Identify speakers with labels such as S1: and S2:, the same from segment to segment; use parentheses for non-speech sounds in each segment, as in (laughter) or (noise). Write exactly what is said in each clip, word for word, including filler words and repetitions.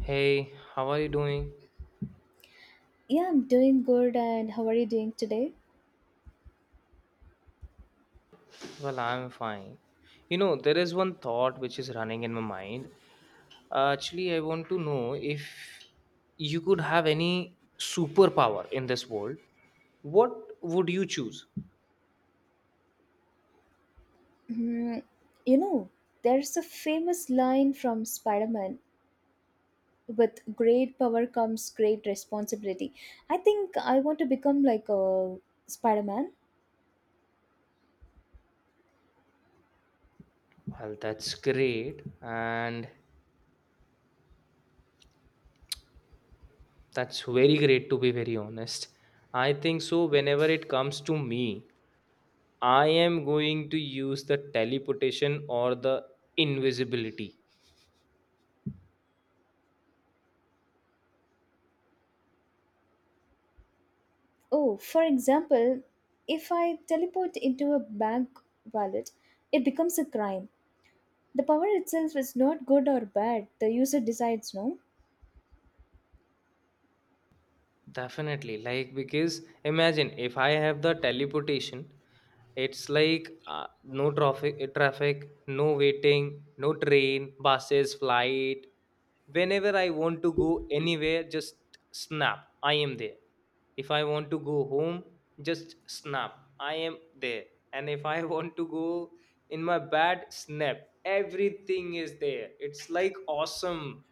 S1: Hey, how are you doing?
S2: Yeah, I'm doing good. And how are you doing today?
S1: Well, I'm fine. You know, there is one thought which is running in my mind. Uh, actually, I want to know if you could have any superpower in this world, what would you choose?
S2: Hmm, you know, there's a famous line from Spider Man, with great power comes great responsibility. I think I want to become like a Spider Man.
S1: Well, that's great, and that's very great to be very honest. I think so. Whenever it comes to me, I am going to use the teleportation or the invisibility.
S2: Oh, for example, if I teleport into a bank wallet, it becomes a crime. The power itself is not good or bad, the user decides, no?
S1: Definitely, like because imagine if I have the teleportation, it's like uh, no traffic, traffic, no waiting, no train, buses, flight. Whenever I want to go anywhere, just snap, I am there. If I want to go home, just snap, I am there. And if I (laughs) want to go in my bed, snap, everything is there. It's like awesome.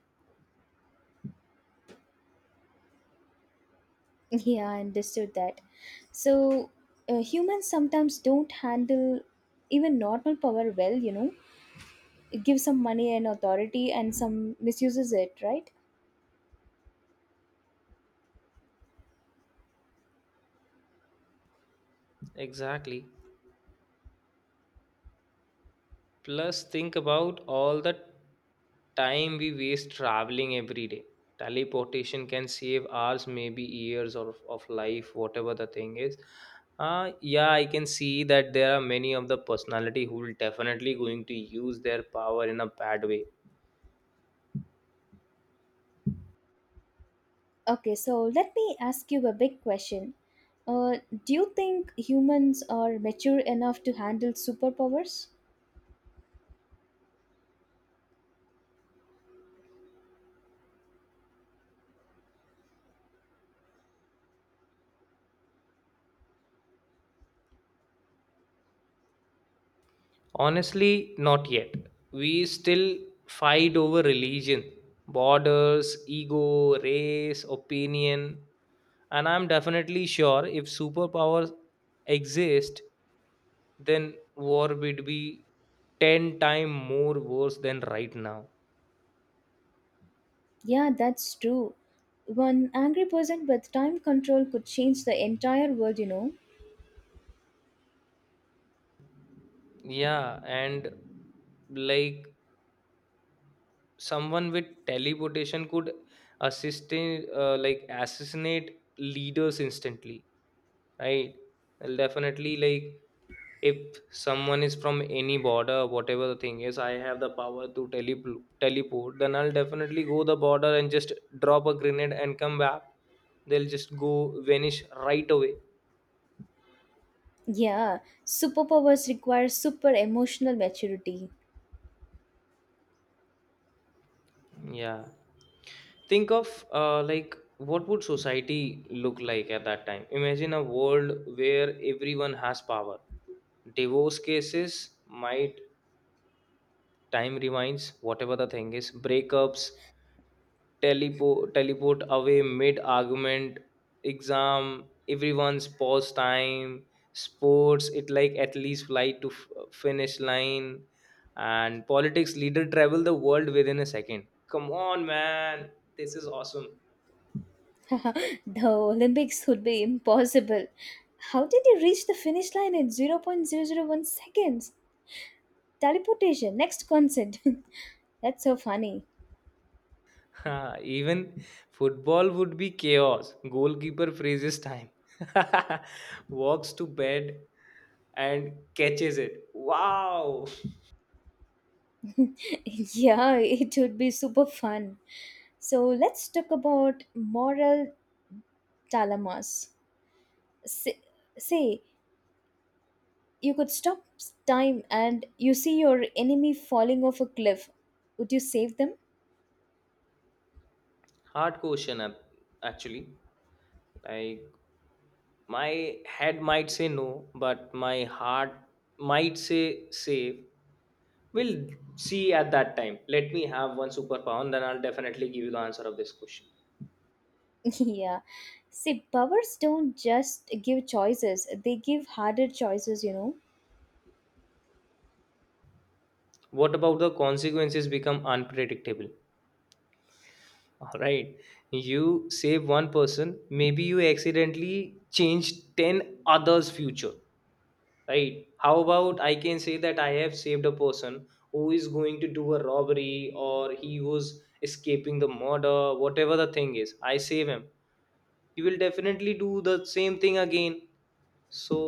S2: Yeah, I understood that. So, uh, humans sometimes don't handle even normal power well, you know. It gives some money and authority and some misuses it, right?
S1: Exactly. Plus, think about all the time we waste traveling every day. Teleportation can save hours, maybe years of, of life, whatever the thing is. Uh, yeah, I can see that there are many of the personality who will definitely going to use their power in a bad way.
S2: Okay, so let me ask you a big question. Uh, do you think humans are mature enough to handle superpowers?
S1: Honestly, not yet. We still fight over religion, borders, ego, race, opinion. And I'm definitely sure if superpowers exist, then war would be ten time more worse than right now.
S2: Yeah, that's true. One angry person with time control could change the entire world, you know.
S1: Yeah, and like someone with teleportation could assist in, uh, like assassinate leaders instantly, right. Well, definitely like if someone is from any border, whatever the thing is, I have the power to telepl- teleport, then I'll definitely go the border and just drop a grenade and come back. They'll just go vanish right away.
S2: Yeah, superpowers require super emotional maturity.
S1: Yeah. Think of uh, like what would society look like at that time? Imagine a world where everyone has power. Divorce cases might time rewinds, whatever the thing is, breakups, Telepo teleport away mid argument, exam everyone's pause time, sports it like at least flight to f- finish line, and politics leader travel the world within a second. Come on, man, this is awesome.
S2: (laughs) The Olympics would be impossible. How did you reach the finish line in zero point zero zero point zero zero one seconds? Teleportation, next consent. (laughs) That's so funny.
S1: (laughs) Even football would be chaos, goalkeeper freezes time, (laughs) walks to bed and catches it, wow.
S2: (laughs) Yeah, it would be super fun. So let's talk about moral dilemmas. Say, say you could stop time and you see your enemy falling off a cliff. Would you save them?
S1: (laughs) Hard question, ac- actually, like my head might say no, but my heart might say save. We'll see at that time. Let me have one superpower and then I'll definitely give you the answer of this question.
S2: (laughs) Yeah. See, powers don't just give choices, they give harder choices, you know?
S1: What about the consequences become unpredictable? All right. You save one person, maybe you accidentally change ten others' future. Right, how about I can say that I have saved a person who is going to do a robbery or he was escaping the murder, whatever the thing is, I save him, he will definitely do the same thing again. So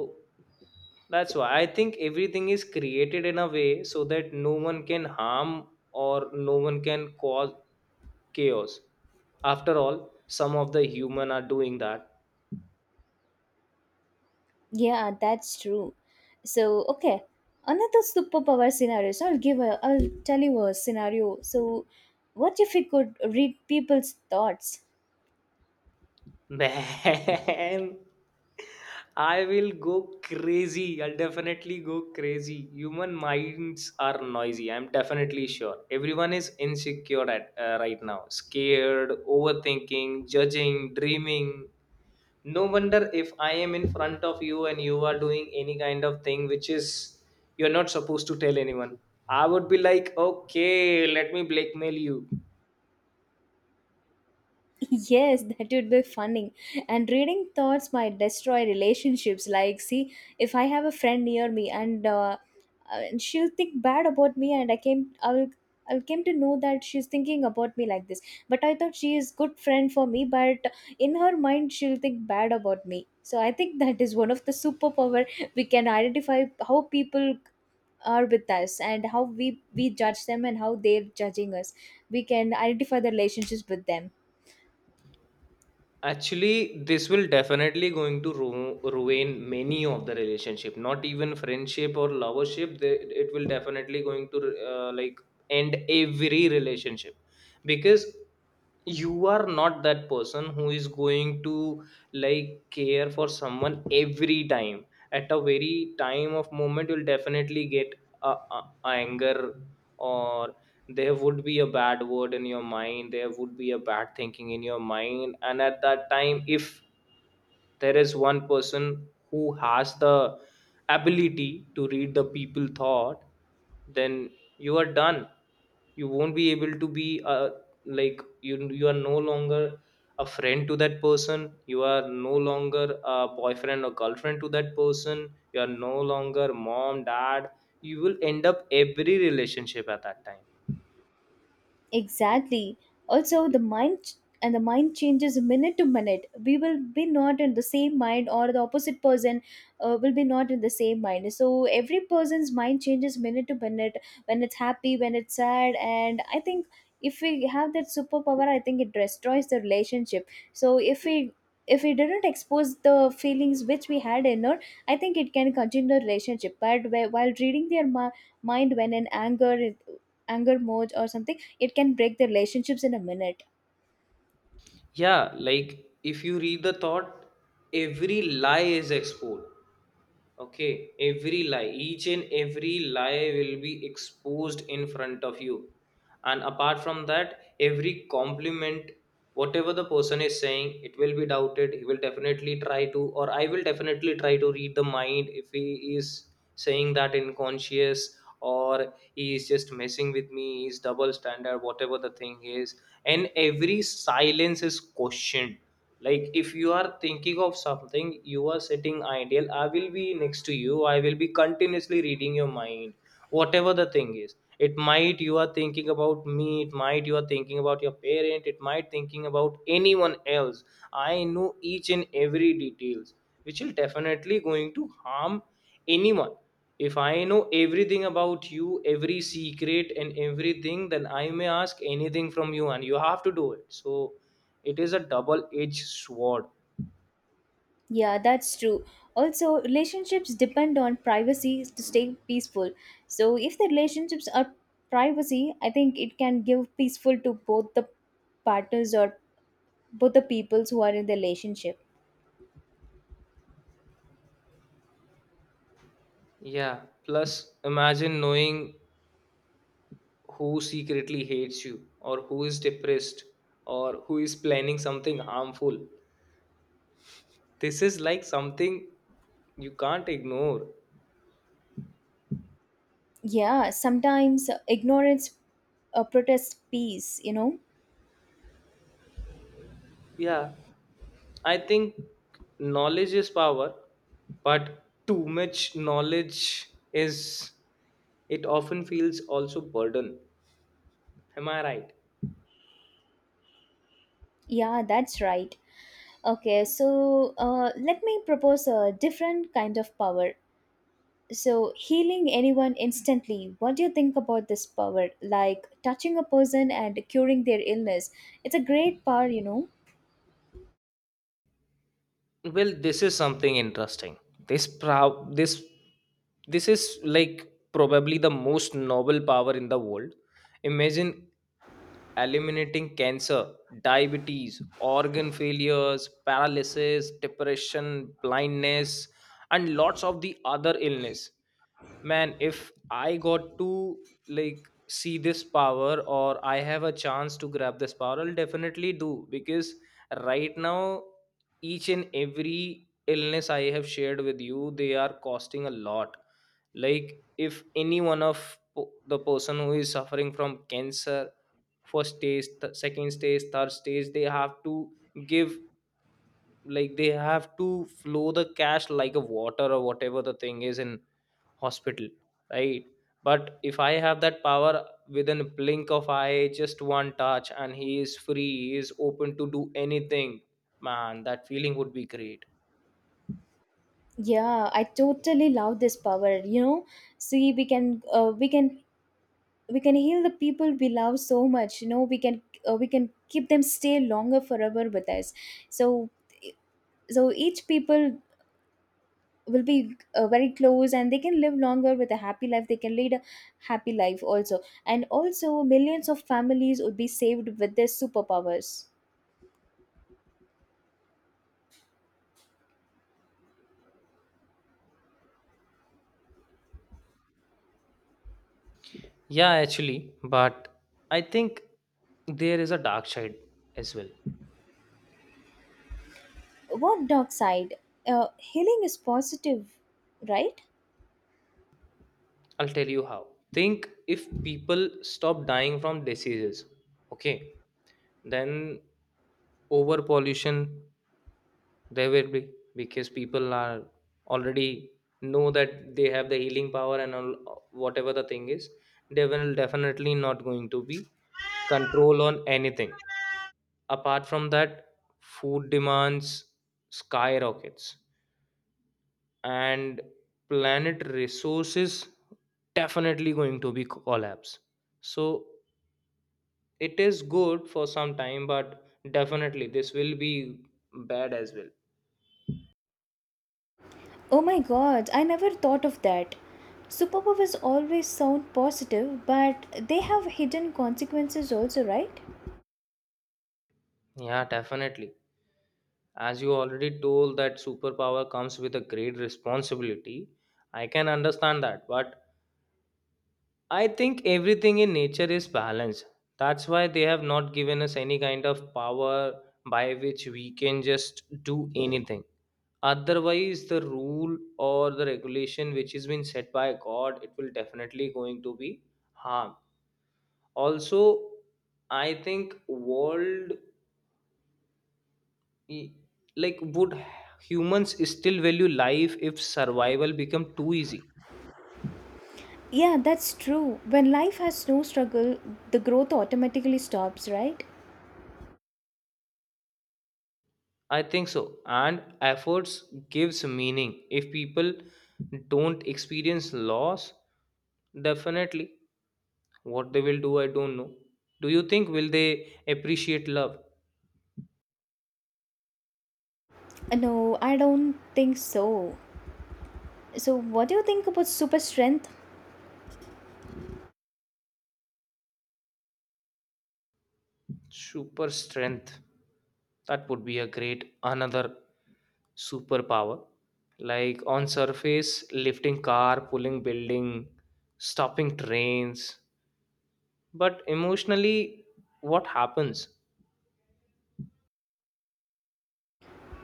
S1: that's why I think everything is created in a way so that no one can harm or no one can cause chaos. After all, some of the human are doing that.
S2: Yeah, that's true. So, okay. Another superpower scenario. So I'll give a I'll tell you a scenario. So what if we could read people's thoughts?
S1: Man, I will go crazy. I'll definitely go crazy. Human minds are noisy. I'm definitely sure. Everyone is insecure at uh, right now, scared, overthinking, judging, dreaming. No wonder if I am in front of you and you are doing any kind of thing which is you're not supposed to tell anyone. I would be like, okay, let me blackmail you.
S2: (laughs) Yes, that would be funny. And reading thoughts might destroy relationships. Like, see, if I have a friend near me, and uh, uh, and she'll think bad about me, and I came, I'll, I'll came to know that she's thinking about me like this. But I thought she is good friend for me, but in her mind, she'll think bad about me. So I think (laughs) that is one of the superpower, we can identify how people are with us and how we we judge them and how they're judging us. We can identify the relationships with them.
S1: Actually this will definitely going to ru- ruin many of the relationship, not even friendship or lovership, they, it will definitely going to uh, like end every relationship. Because you are not that person who is going to like care for someone every time, at a very time of moment you'll definitely get a, a anger, or there would be a bad word in your mind, there would be a bad thinking in your mind, and at that time if there is one person who has the ability to read the people thought, then you are done. You won't be able to be uh, like you you are no longer a friend to that person, you are no longer a boyfriend or girlfriend to that person, you are no longer mom dad, you will end up every relationship at that time.
S2: Exactly. Also, the mind ch- and the mind changes minute to minute. We will be not in the same mind, or the opposite person uh, will be not in the same mind. So every person's mind changes minute to minute, when it's happy, when it's sad, and I think if we have that superpower, I think it destroys the relationship. So if we if we didn't expose the feelings which we had in it, I think it can continue the relationship. But wh- while reading their mi- mind, when in anger, anger mode or something, it can break the relationships in a minute.
S1: Yeah, like if you read the thought, every lie is exposed. Okay, every lie, each and every lie will be exposed in front of you. And apart from that, every compliment, whatever the person is saying, it will be doubted. He will definitely try to, or I will definitely try to read the mind if he is saying that unconscious or he is just messing with me, he's double standard, whatever the thing is. And every silence is questioned, like if you are thinking of something, you are sitting ideal, I will be next to you, I will be continuously reading your mind. Whatever the thing is, it might you are thinking about me, it might you are thinking about your parent, it might thinking about anyone else, I know each and every details, which will definitely going to harm anyone. If I know everything about you, every secret and everything, then I may ask anything from you and you have to do it. So it is a double edged sword.
S2: Yeah, that's true. Also, relationships depend on privacy to stay peaceful. So if the relationships are privacy, I think it can give peaceful to both the partners or both the peoples who are in the relationship.
S1: Yeah, plus imagine knowing who secretly hates you or who is depressed or who is planning something harmful. This is like something you can't ignore.
S2: Yeah, sometimes ignorance uh, protests peace you know
S1: Yeah, I think knowledge is power, but too much knowledge is, it often feels also burden, am I right?
S2: yeah, that's right. Okay, so uh, let me propose a different kind of power. So, healing anyone instantly, what do you think about this power? Like touching a person and curing their illness. It's a great power, you know.
S1: Well, this is something interesting. This prob- this this is like probably the most noble power in the world. Imagine eliminating cancer, diabetes, organ failures, paralysis, depression, blindness, and lots of the other illness. Man, if I got to like see this power or I have a chance to grab this power, I'll definitely do. Because right now, each and every illness I have shared with you, they are costing a lot. Like if any one of po- the person who is suffering from cancer first stage, th- second stage, third stage, they have to give, like they have to flow the cash like a water or whatever the thing is in hospital, right? But if I have that power, within a blink of eye just one touch and he is free, he is open to do anything. Man, that feeling would be great.
S2: Yeah, I totally love this power, you know. See, we can uh, we can we can heal the people we love so much, you know. We can uh, we can keep them stay longer forever with us. So e, so each people will be uh, very close and they can live longer with a happy life, they can lead a happy life also. And also millions of families would be saved with their superpowers.
S1: Yeah, actually, but I think there is a dark side as well.
S2: What dark side? Uh, healing is positive, right?
S1: I'll tell you how. Think if people stop dying from diseases, okay, then over pollution there will be, because people are already know that they have the healing power and all, whatever the thing is, they will definitely not going to be control on anything. Apart from that, food demands skyrockets and planet resources definitely going to be collapse. So it is good for some time but definitely this will be bad as well.
S2: Oh my god, I never thought of that. Superpowers always sound positive, but they have hidden consequences also, right?
S1: Yeah definitely, as you already told that superpower comes with a great responsibility. I can understand that, but I think everything in nature is balanced. That's why they have not given us any kind of power by which we can just do anything. Otherwise the rule or the regulation which has been set by god, it will definitely going to be harm also. I think world e- like would humans still value life if survival become too easy?
S2: Yeah, that's true. When life has no struggle, the growth automatically stops, right?
S1: I think so, and efforts gives meaning. If people don't experience loss, definitely what they will do, I don't know. Do you think will they appreciate love?
S2: Uh, no, I don't think so. So, what do you think about super strength?
S1: Super strength. That would be a great another superpower. Like on surface, lifting car, pulling building, stopping trains. But emotionally, what happens?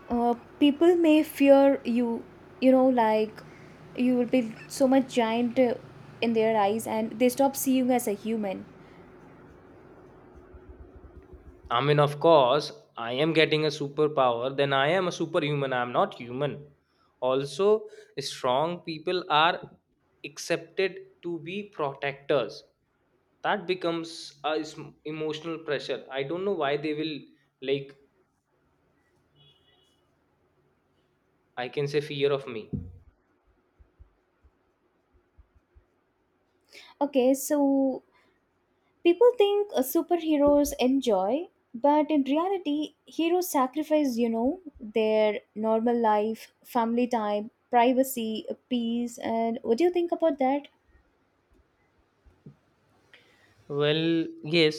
S2: Uh, people may fear you, you know, like you will be so much giant uh, in their eyes and they stop seeing you as a human.
S1: I mean, of course, I am getting a superpower, then I am a superhuman. I am not human. Also, strong people are accepted to be protectors, that becomes a sm- emotional pressure. I don't know why they will like, I can say, fear of me.
S2: Okay, so people think uh, superheroes enjoy, but in reality, heroes sacrifice, you know, their normal life, family time, privacy, uh, peace, and what do you think about that?
S1: Well, yes,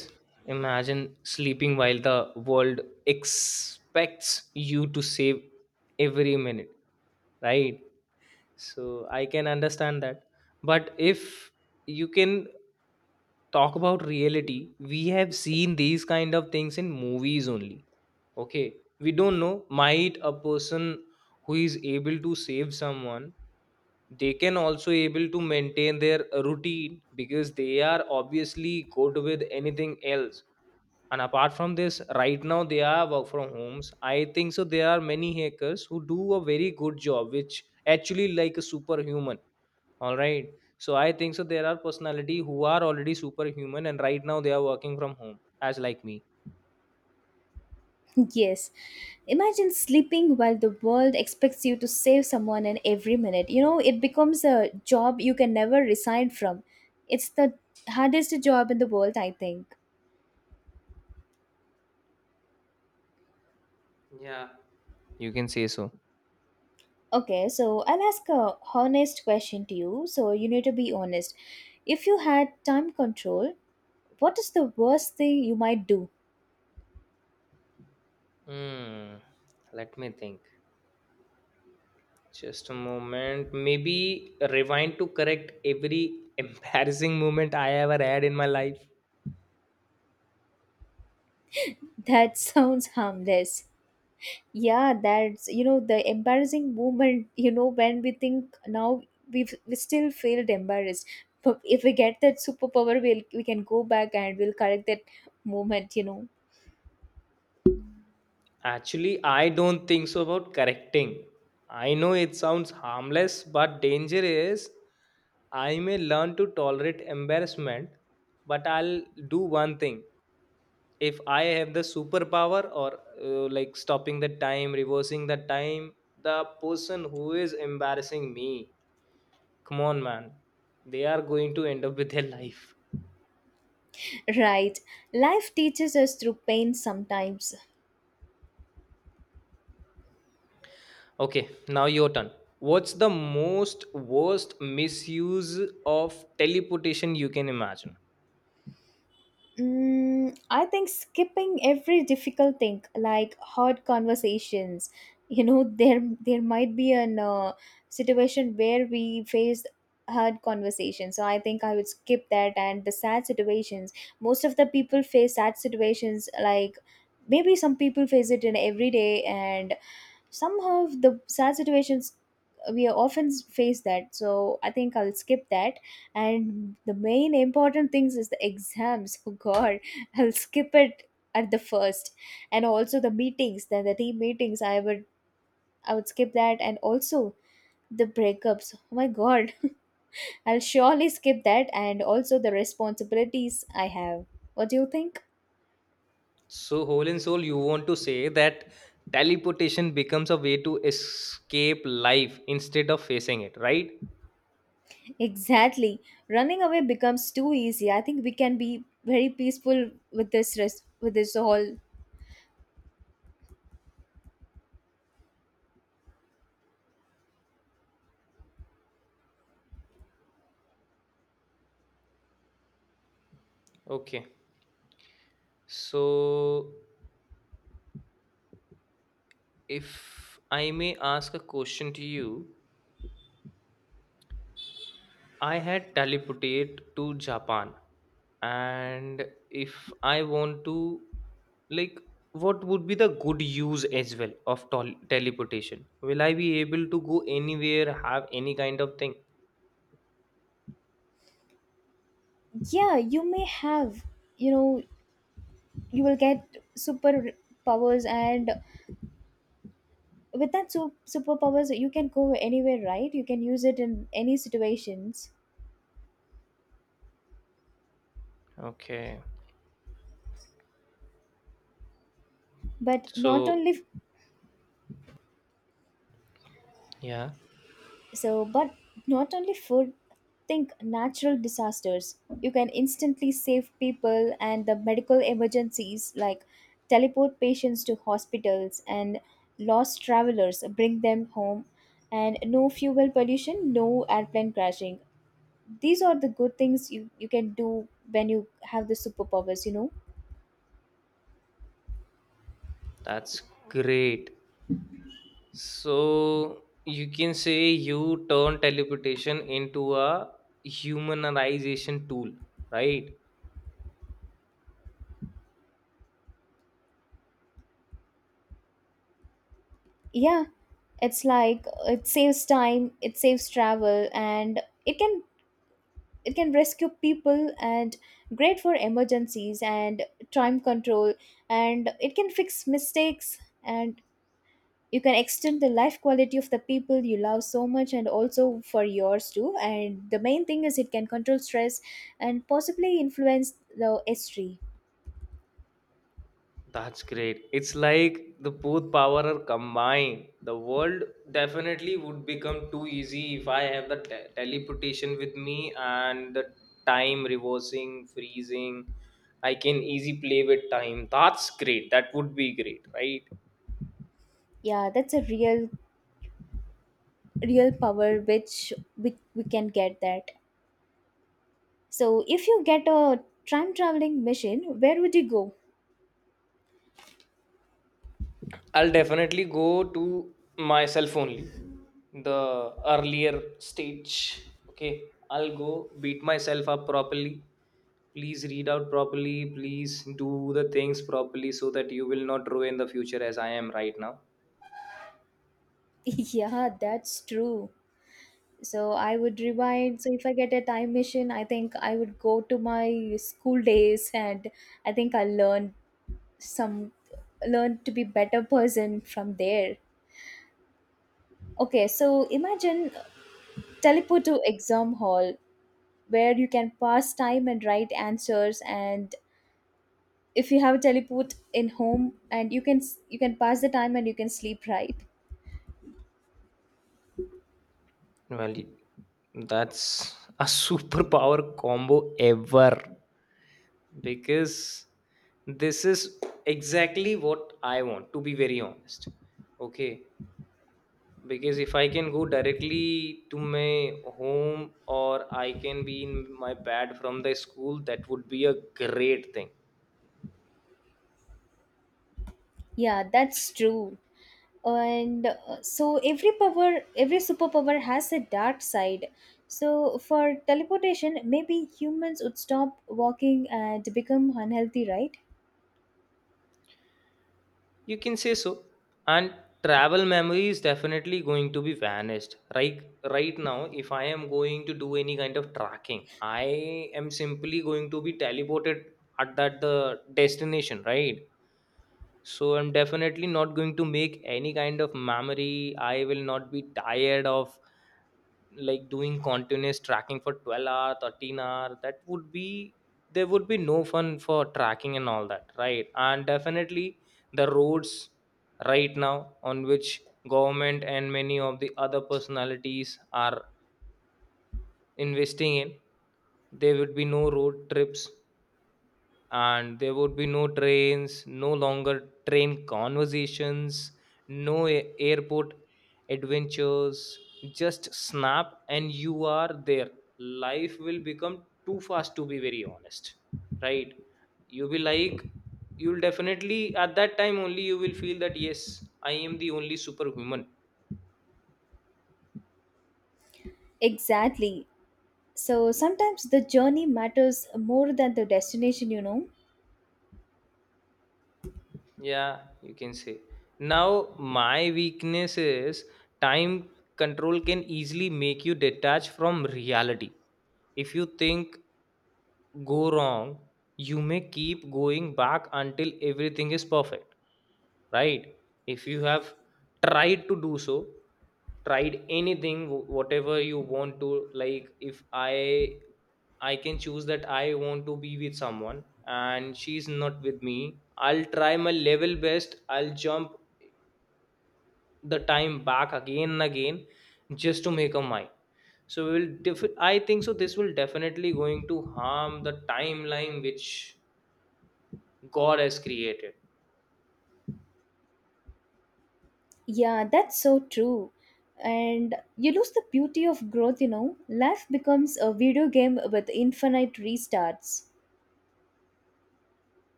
S1: imagine sleeping while the world expects you to save every minute, right? So I can understand that. But if you can talk about reality, we have seen these kind of things in movies only. Okay. We don't know. Might a person who is able to save someone, they can also able to maintain their routine because they are obviously good with anything else. And apart from this, right now they are work from homes. I think so. There are many hackers who do a very good job, which actually like a superhuman. All right. So I think so. There are personality who are already superhuman, and right now they are working from home, as like me.
S2: Yes. Imagine sleeping while the world expects you to save someone in every minute. You know, it becomes a job you can never resign from. It's the hardest job in the world, I think.
S1: Yeah. You can say so.
S2: Okay, so I'll ask a honest question to you. So you need to be honest. If you had time control, what is the worst thing you might do?
S1: Hmm. Let me think. Just a moment. Maybe rewind to correct every (laughs) embarrassing moment I ever had in my life.
S2: (laughs) That sounds harmless. Yeah, that's, you know, the embarrassing moment. (laughs) You know when we think now, we've we still feel embarrassed, but if we get that superpower, we'll we can go back and we'll correct that moment you know
S1: Actually, I don't think so about correcting. I know it sounds harmless, but danger is I may learn to tolerate embarrassment, but I'll do one thing. If I have the superpower or uh, like stopping the time, reversing the time, the person who is embarrassing me, come on, man, they are going to end up with their (laughs) life.
S2: right, life teaches us through pain sometimes.
S1: Okay, now your turn. What's the most worst misuse of teleportation you can imagine?
S2: Mm, I think skipping every difficult thing, like hard conversations. You know, (laughs) there there might be an uh, situation where we faced hard conversations. So I think I would skip that and the sad situations. Most of the people face sad situations. Like, maybe some people face it in every day, and somehow the sad situations we often face that, so I think I'll skip that. And the main important things is the exams. (laughs) Oh god, I'll skip it at the first. And also the meetings, then the team meetings, i would i would skip that. And also the breakups, oh my god, (laughs) I'll surely skip that, and also the responsibilities I have. What do you think?
S1: So, whole and soul, you want to say that teleportation becomes a way to escape life instead of facing it, right?
S2: Exactly. Running away becomes too easy. I think we can be very peaceful with this res- with this whole.
S1: Okay. So, if I may ask a question to you, I had teleported to Japan, and if I want to, like, what would be the good use as well of tol- teleportation? Will I be able to go anywhere, have any kind of thing?
S2: Yeah, you may have, you know, you will get super powers, and with that su- superpowers you can go anywhere, right? You can use it in any situations.
S1: Okay,
S2: But not
S1: so
S2: only.
S1: yeah,
S2: So, but not only food, think natural disasters. You can instantly save people and the medical emergencies, like teleport patients to hospitals, and lost travelers, bring them home, and no fuel pollution, no airplane crashing. These are the good things you, you can do when you have the superpowers, you know?
S1: that's great. So you can say you turn teleportation into a humanization tool, right?
S2: Yeah, it's like uh, it saves time, it saves travel, and it can it can rescue people, and great for emergencies, and time control, and it can fix mistakes, and you can extend the life quality of the people you love so much, and also for yours too, and the main thing is it can control stress and possibly influence the history.
S1: That's great. It's like the both power are combined. The world definitely would become too easy if I have the te- teleportation with me and the time reversing, freezing. I can easy play with time. That's great. That would be great, right?
S2: Yeah, that's a real real power which we, we can get that. So if you get a time traveling machine, where would you go?
S1: I'll definitely go to myself only. The earlier stage. Okay. I'll go beat myself up properly. Please read out properly. Please do the things properly so that you will not ruin the future as I am right now.
S2: (laughs) Yeah, that's true. So I would rewind. So if I get a time machine, I think I would go to my school days, and I think I learned some learned to be better person from there. Okay, so imagine teleport to exam hall where you can pass time and write answers, and if you have a teleport in home, and you can you can pass the time and you can sleep, right?
S1: Well, that's a (laughs) superpower combo ever, because this is exactly what I want, to be very honest. Okay. Because if I can go directly to my home or I can be in my bed from the school, that would be a great thing.
S2: Yeah, that's true. And uh, so every power every superpower has a dark side. So for teleportation, maybe humans would stop walking and become unhealthy, right?
S1: You can say so. And travel memory is definitely going to be vanished. Right right now, if I am going to do any kind of tracking, I am simply going to be teleported at that the destination, right? So I'm definitely not going to make any kind of memory. I will not be tired of, like, doing continuous tracking for twelve hour, thirteen hour. That would be, there would be no fun for tracking and all that, right? And definitely the roads right now on which government and many of the other personalities are investing in, there would be no road trips, and there would be no trains, no longer train conversations, no a- airport adventures. Just snap and you are there. Life will become too fast, to be very honest, right? You'll be like, you'll definitely at that time only you will feel that yes, I am the only superhuman.
S2: Exactly. So sometimes the journey matters more than the destination you know
S1: Yeah, you can say. Now my weakness is time control can easily make you detach from reality. If you think go wrong, you may keep going back until everything is perfect, right? If you have tried to do so, tried anything, wh- whatever you want to, like if I I can choose that I want to be with someone and she's not with me, I'll try my level best, I'll jump the time back again and again just to make a mine. So we will def- I think so this will definitely going to harm the timeline which God has created.
S2: yeah, that's so true. And you lose the beauty of growth you know life becomes a video game with infinite restarts.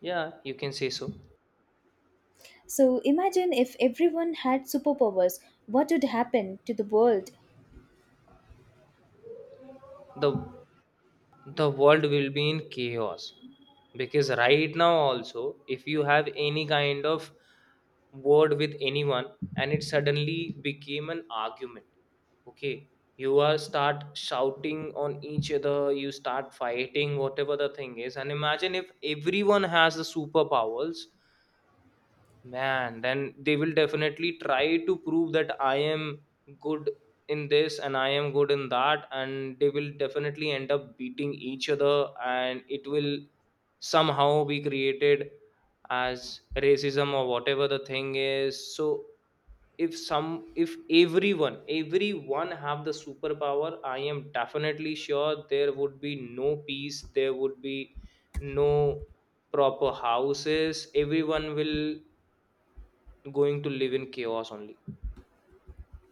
S1: Yeah, you can say so.
S2: So imagine if everyone had superpowers, what would happen to the world?
S1: The the world will be in chaos, because right now also, if you have any kind of word with anyone and it suddenly became an argument, okay, you are start shouting on each other, you start fighting, whatever the thing is. And imagine if everyone has the superpowers. Man, then they will definitely try to prove that I am good in this and I am good in that, and they will definitely end up beating each other, and it will somehow be created as racism or whatever the thing is. So if some if everyone everyone have the superpower, I am definitely sure there would be no peace, there would be no proper houses, everyone will going to live in chaos only.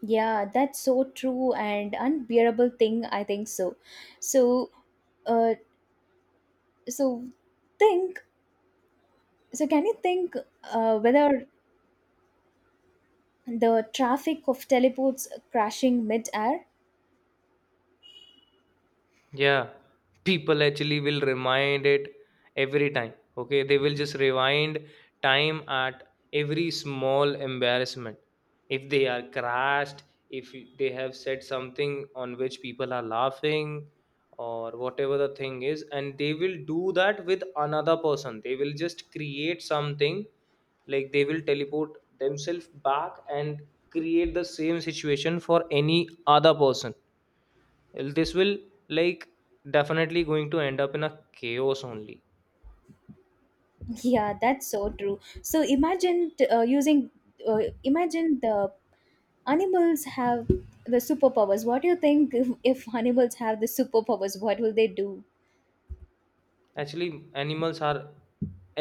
S2: Yeah, that's so true and unbearable thing. I think so. So, uh, so think. So can you think uh, whether the traffic of teleports crashing mid-air?
S1: Yeah, people actually will remind it every time. Okay, they will just rewind time at every small embarrassment. If they are crashed, if they have said something on which people are laughing or whatever the thing is, and they will do that with another person, they will just create something, like, they will teleport themselves back and create the same situation for any other person. This will, like, definitely going to end up in a chaos only.
S2: (laughs) Yeah, that's so true. So imagine t- uh, using. Uh, imagine the animals have the superpowers. What do you think, (laughs) if, if animals have the superpowers? What will they do?
S1: Actually, animals are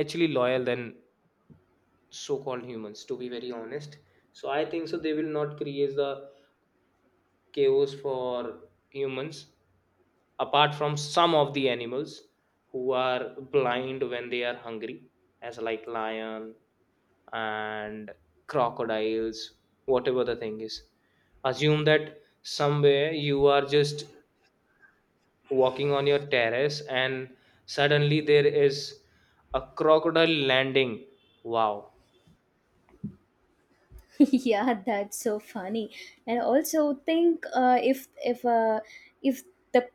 S1: actually loyal than so-called humans, to be very honest. So I think so they will not create the chaos for humans, apart from some of the animals who are blind when they are hungry, as like lion and crocodiles, whatever the thing is. Assume that somewhere you are just walking on your terrace and suddenly there is a crocodile landing. Wow.
S2: (laughs) Yeah, that's so funny. And also think, uh, if if uh, if the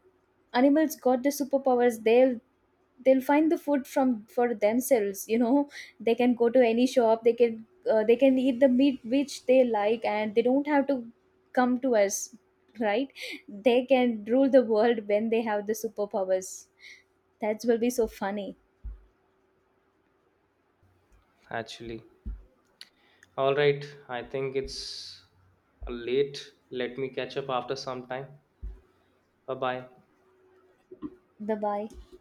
S2: animals got the superpowers, they'll they'll find the food from for themselves you know they can go to any shop, they can uh, they can eat the meat which they like, and they don't have to come to us, right? They can rule the world when they have the superpowers. That will be so funny.
S1: Actually, all right, I think it's late. Let me catch up after some time. Bye bye.
S2: Bye bye.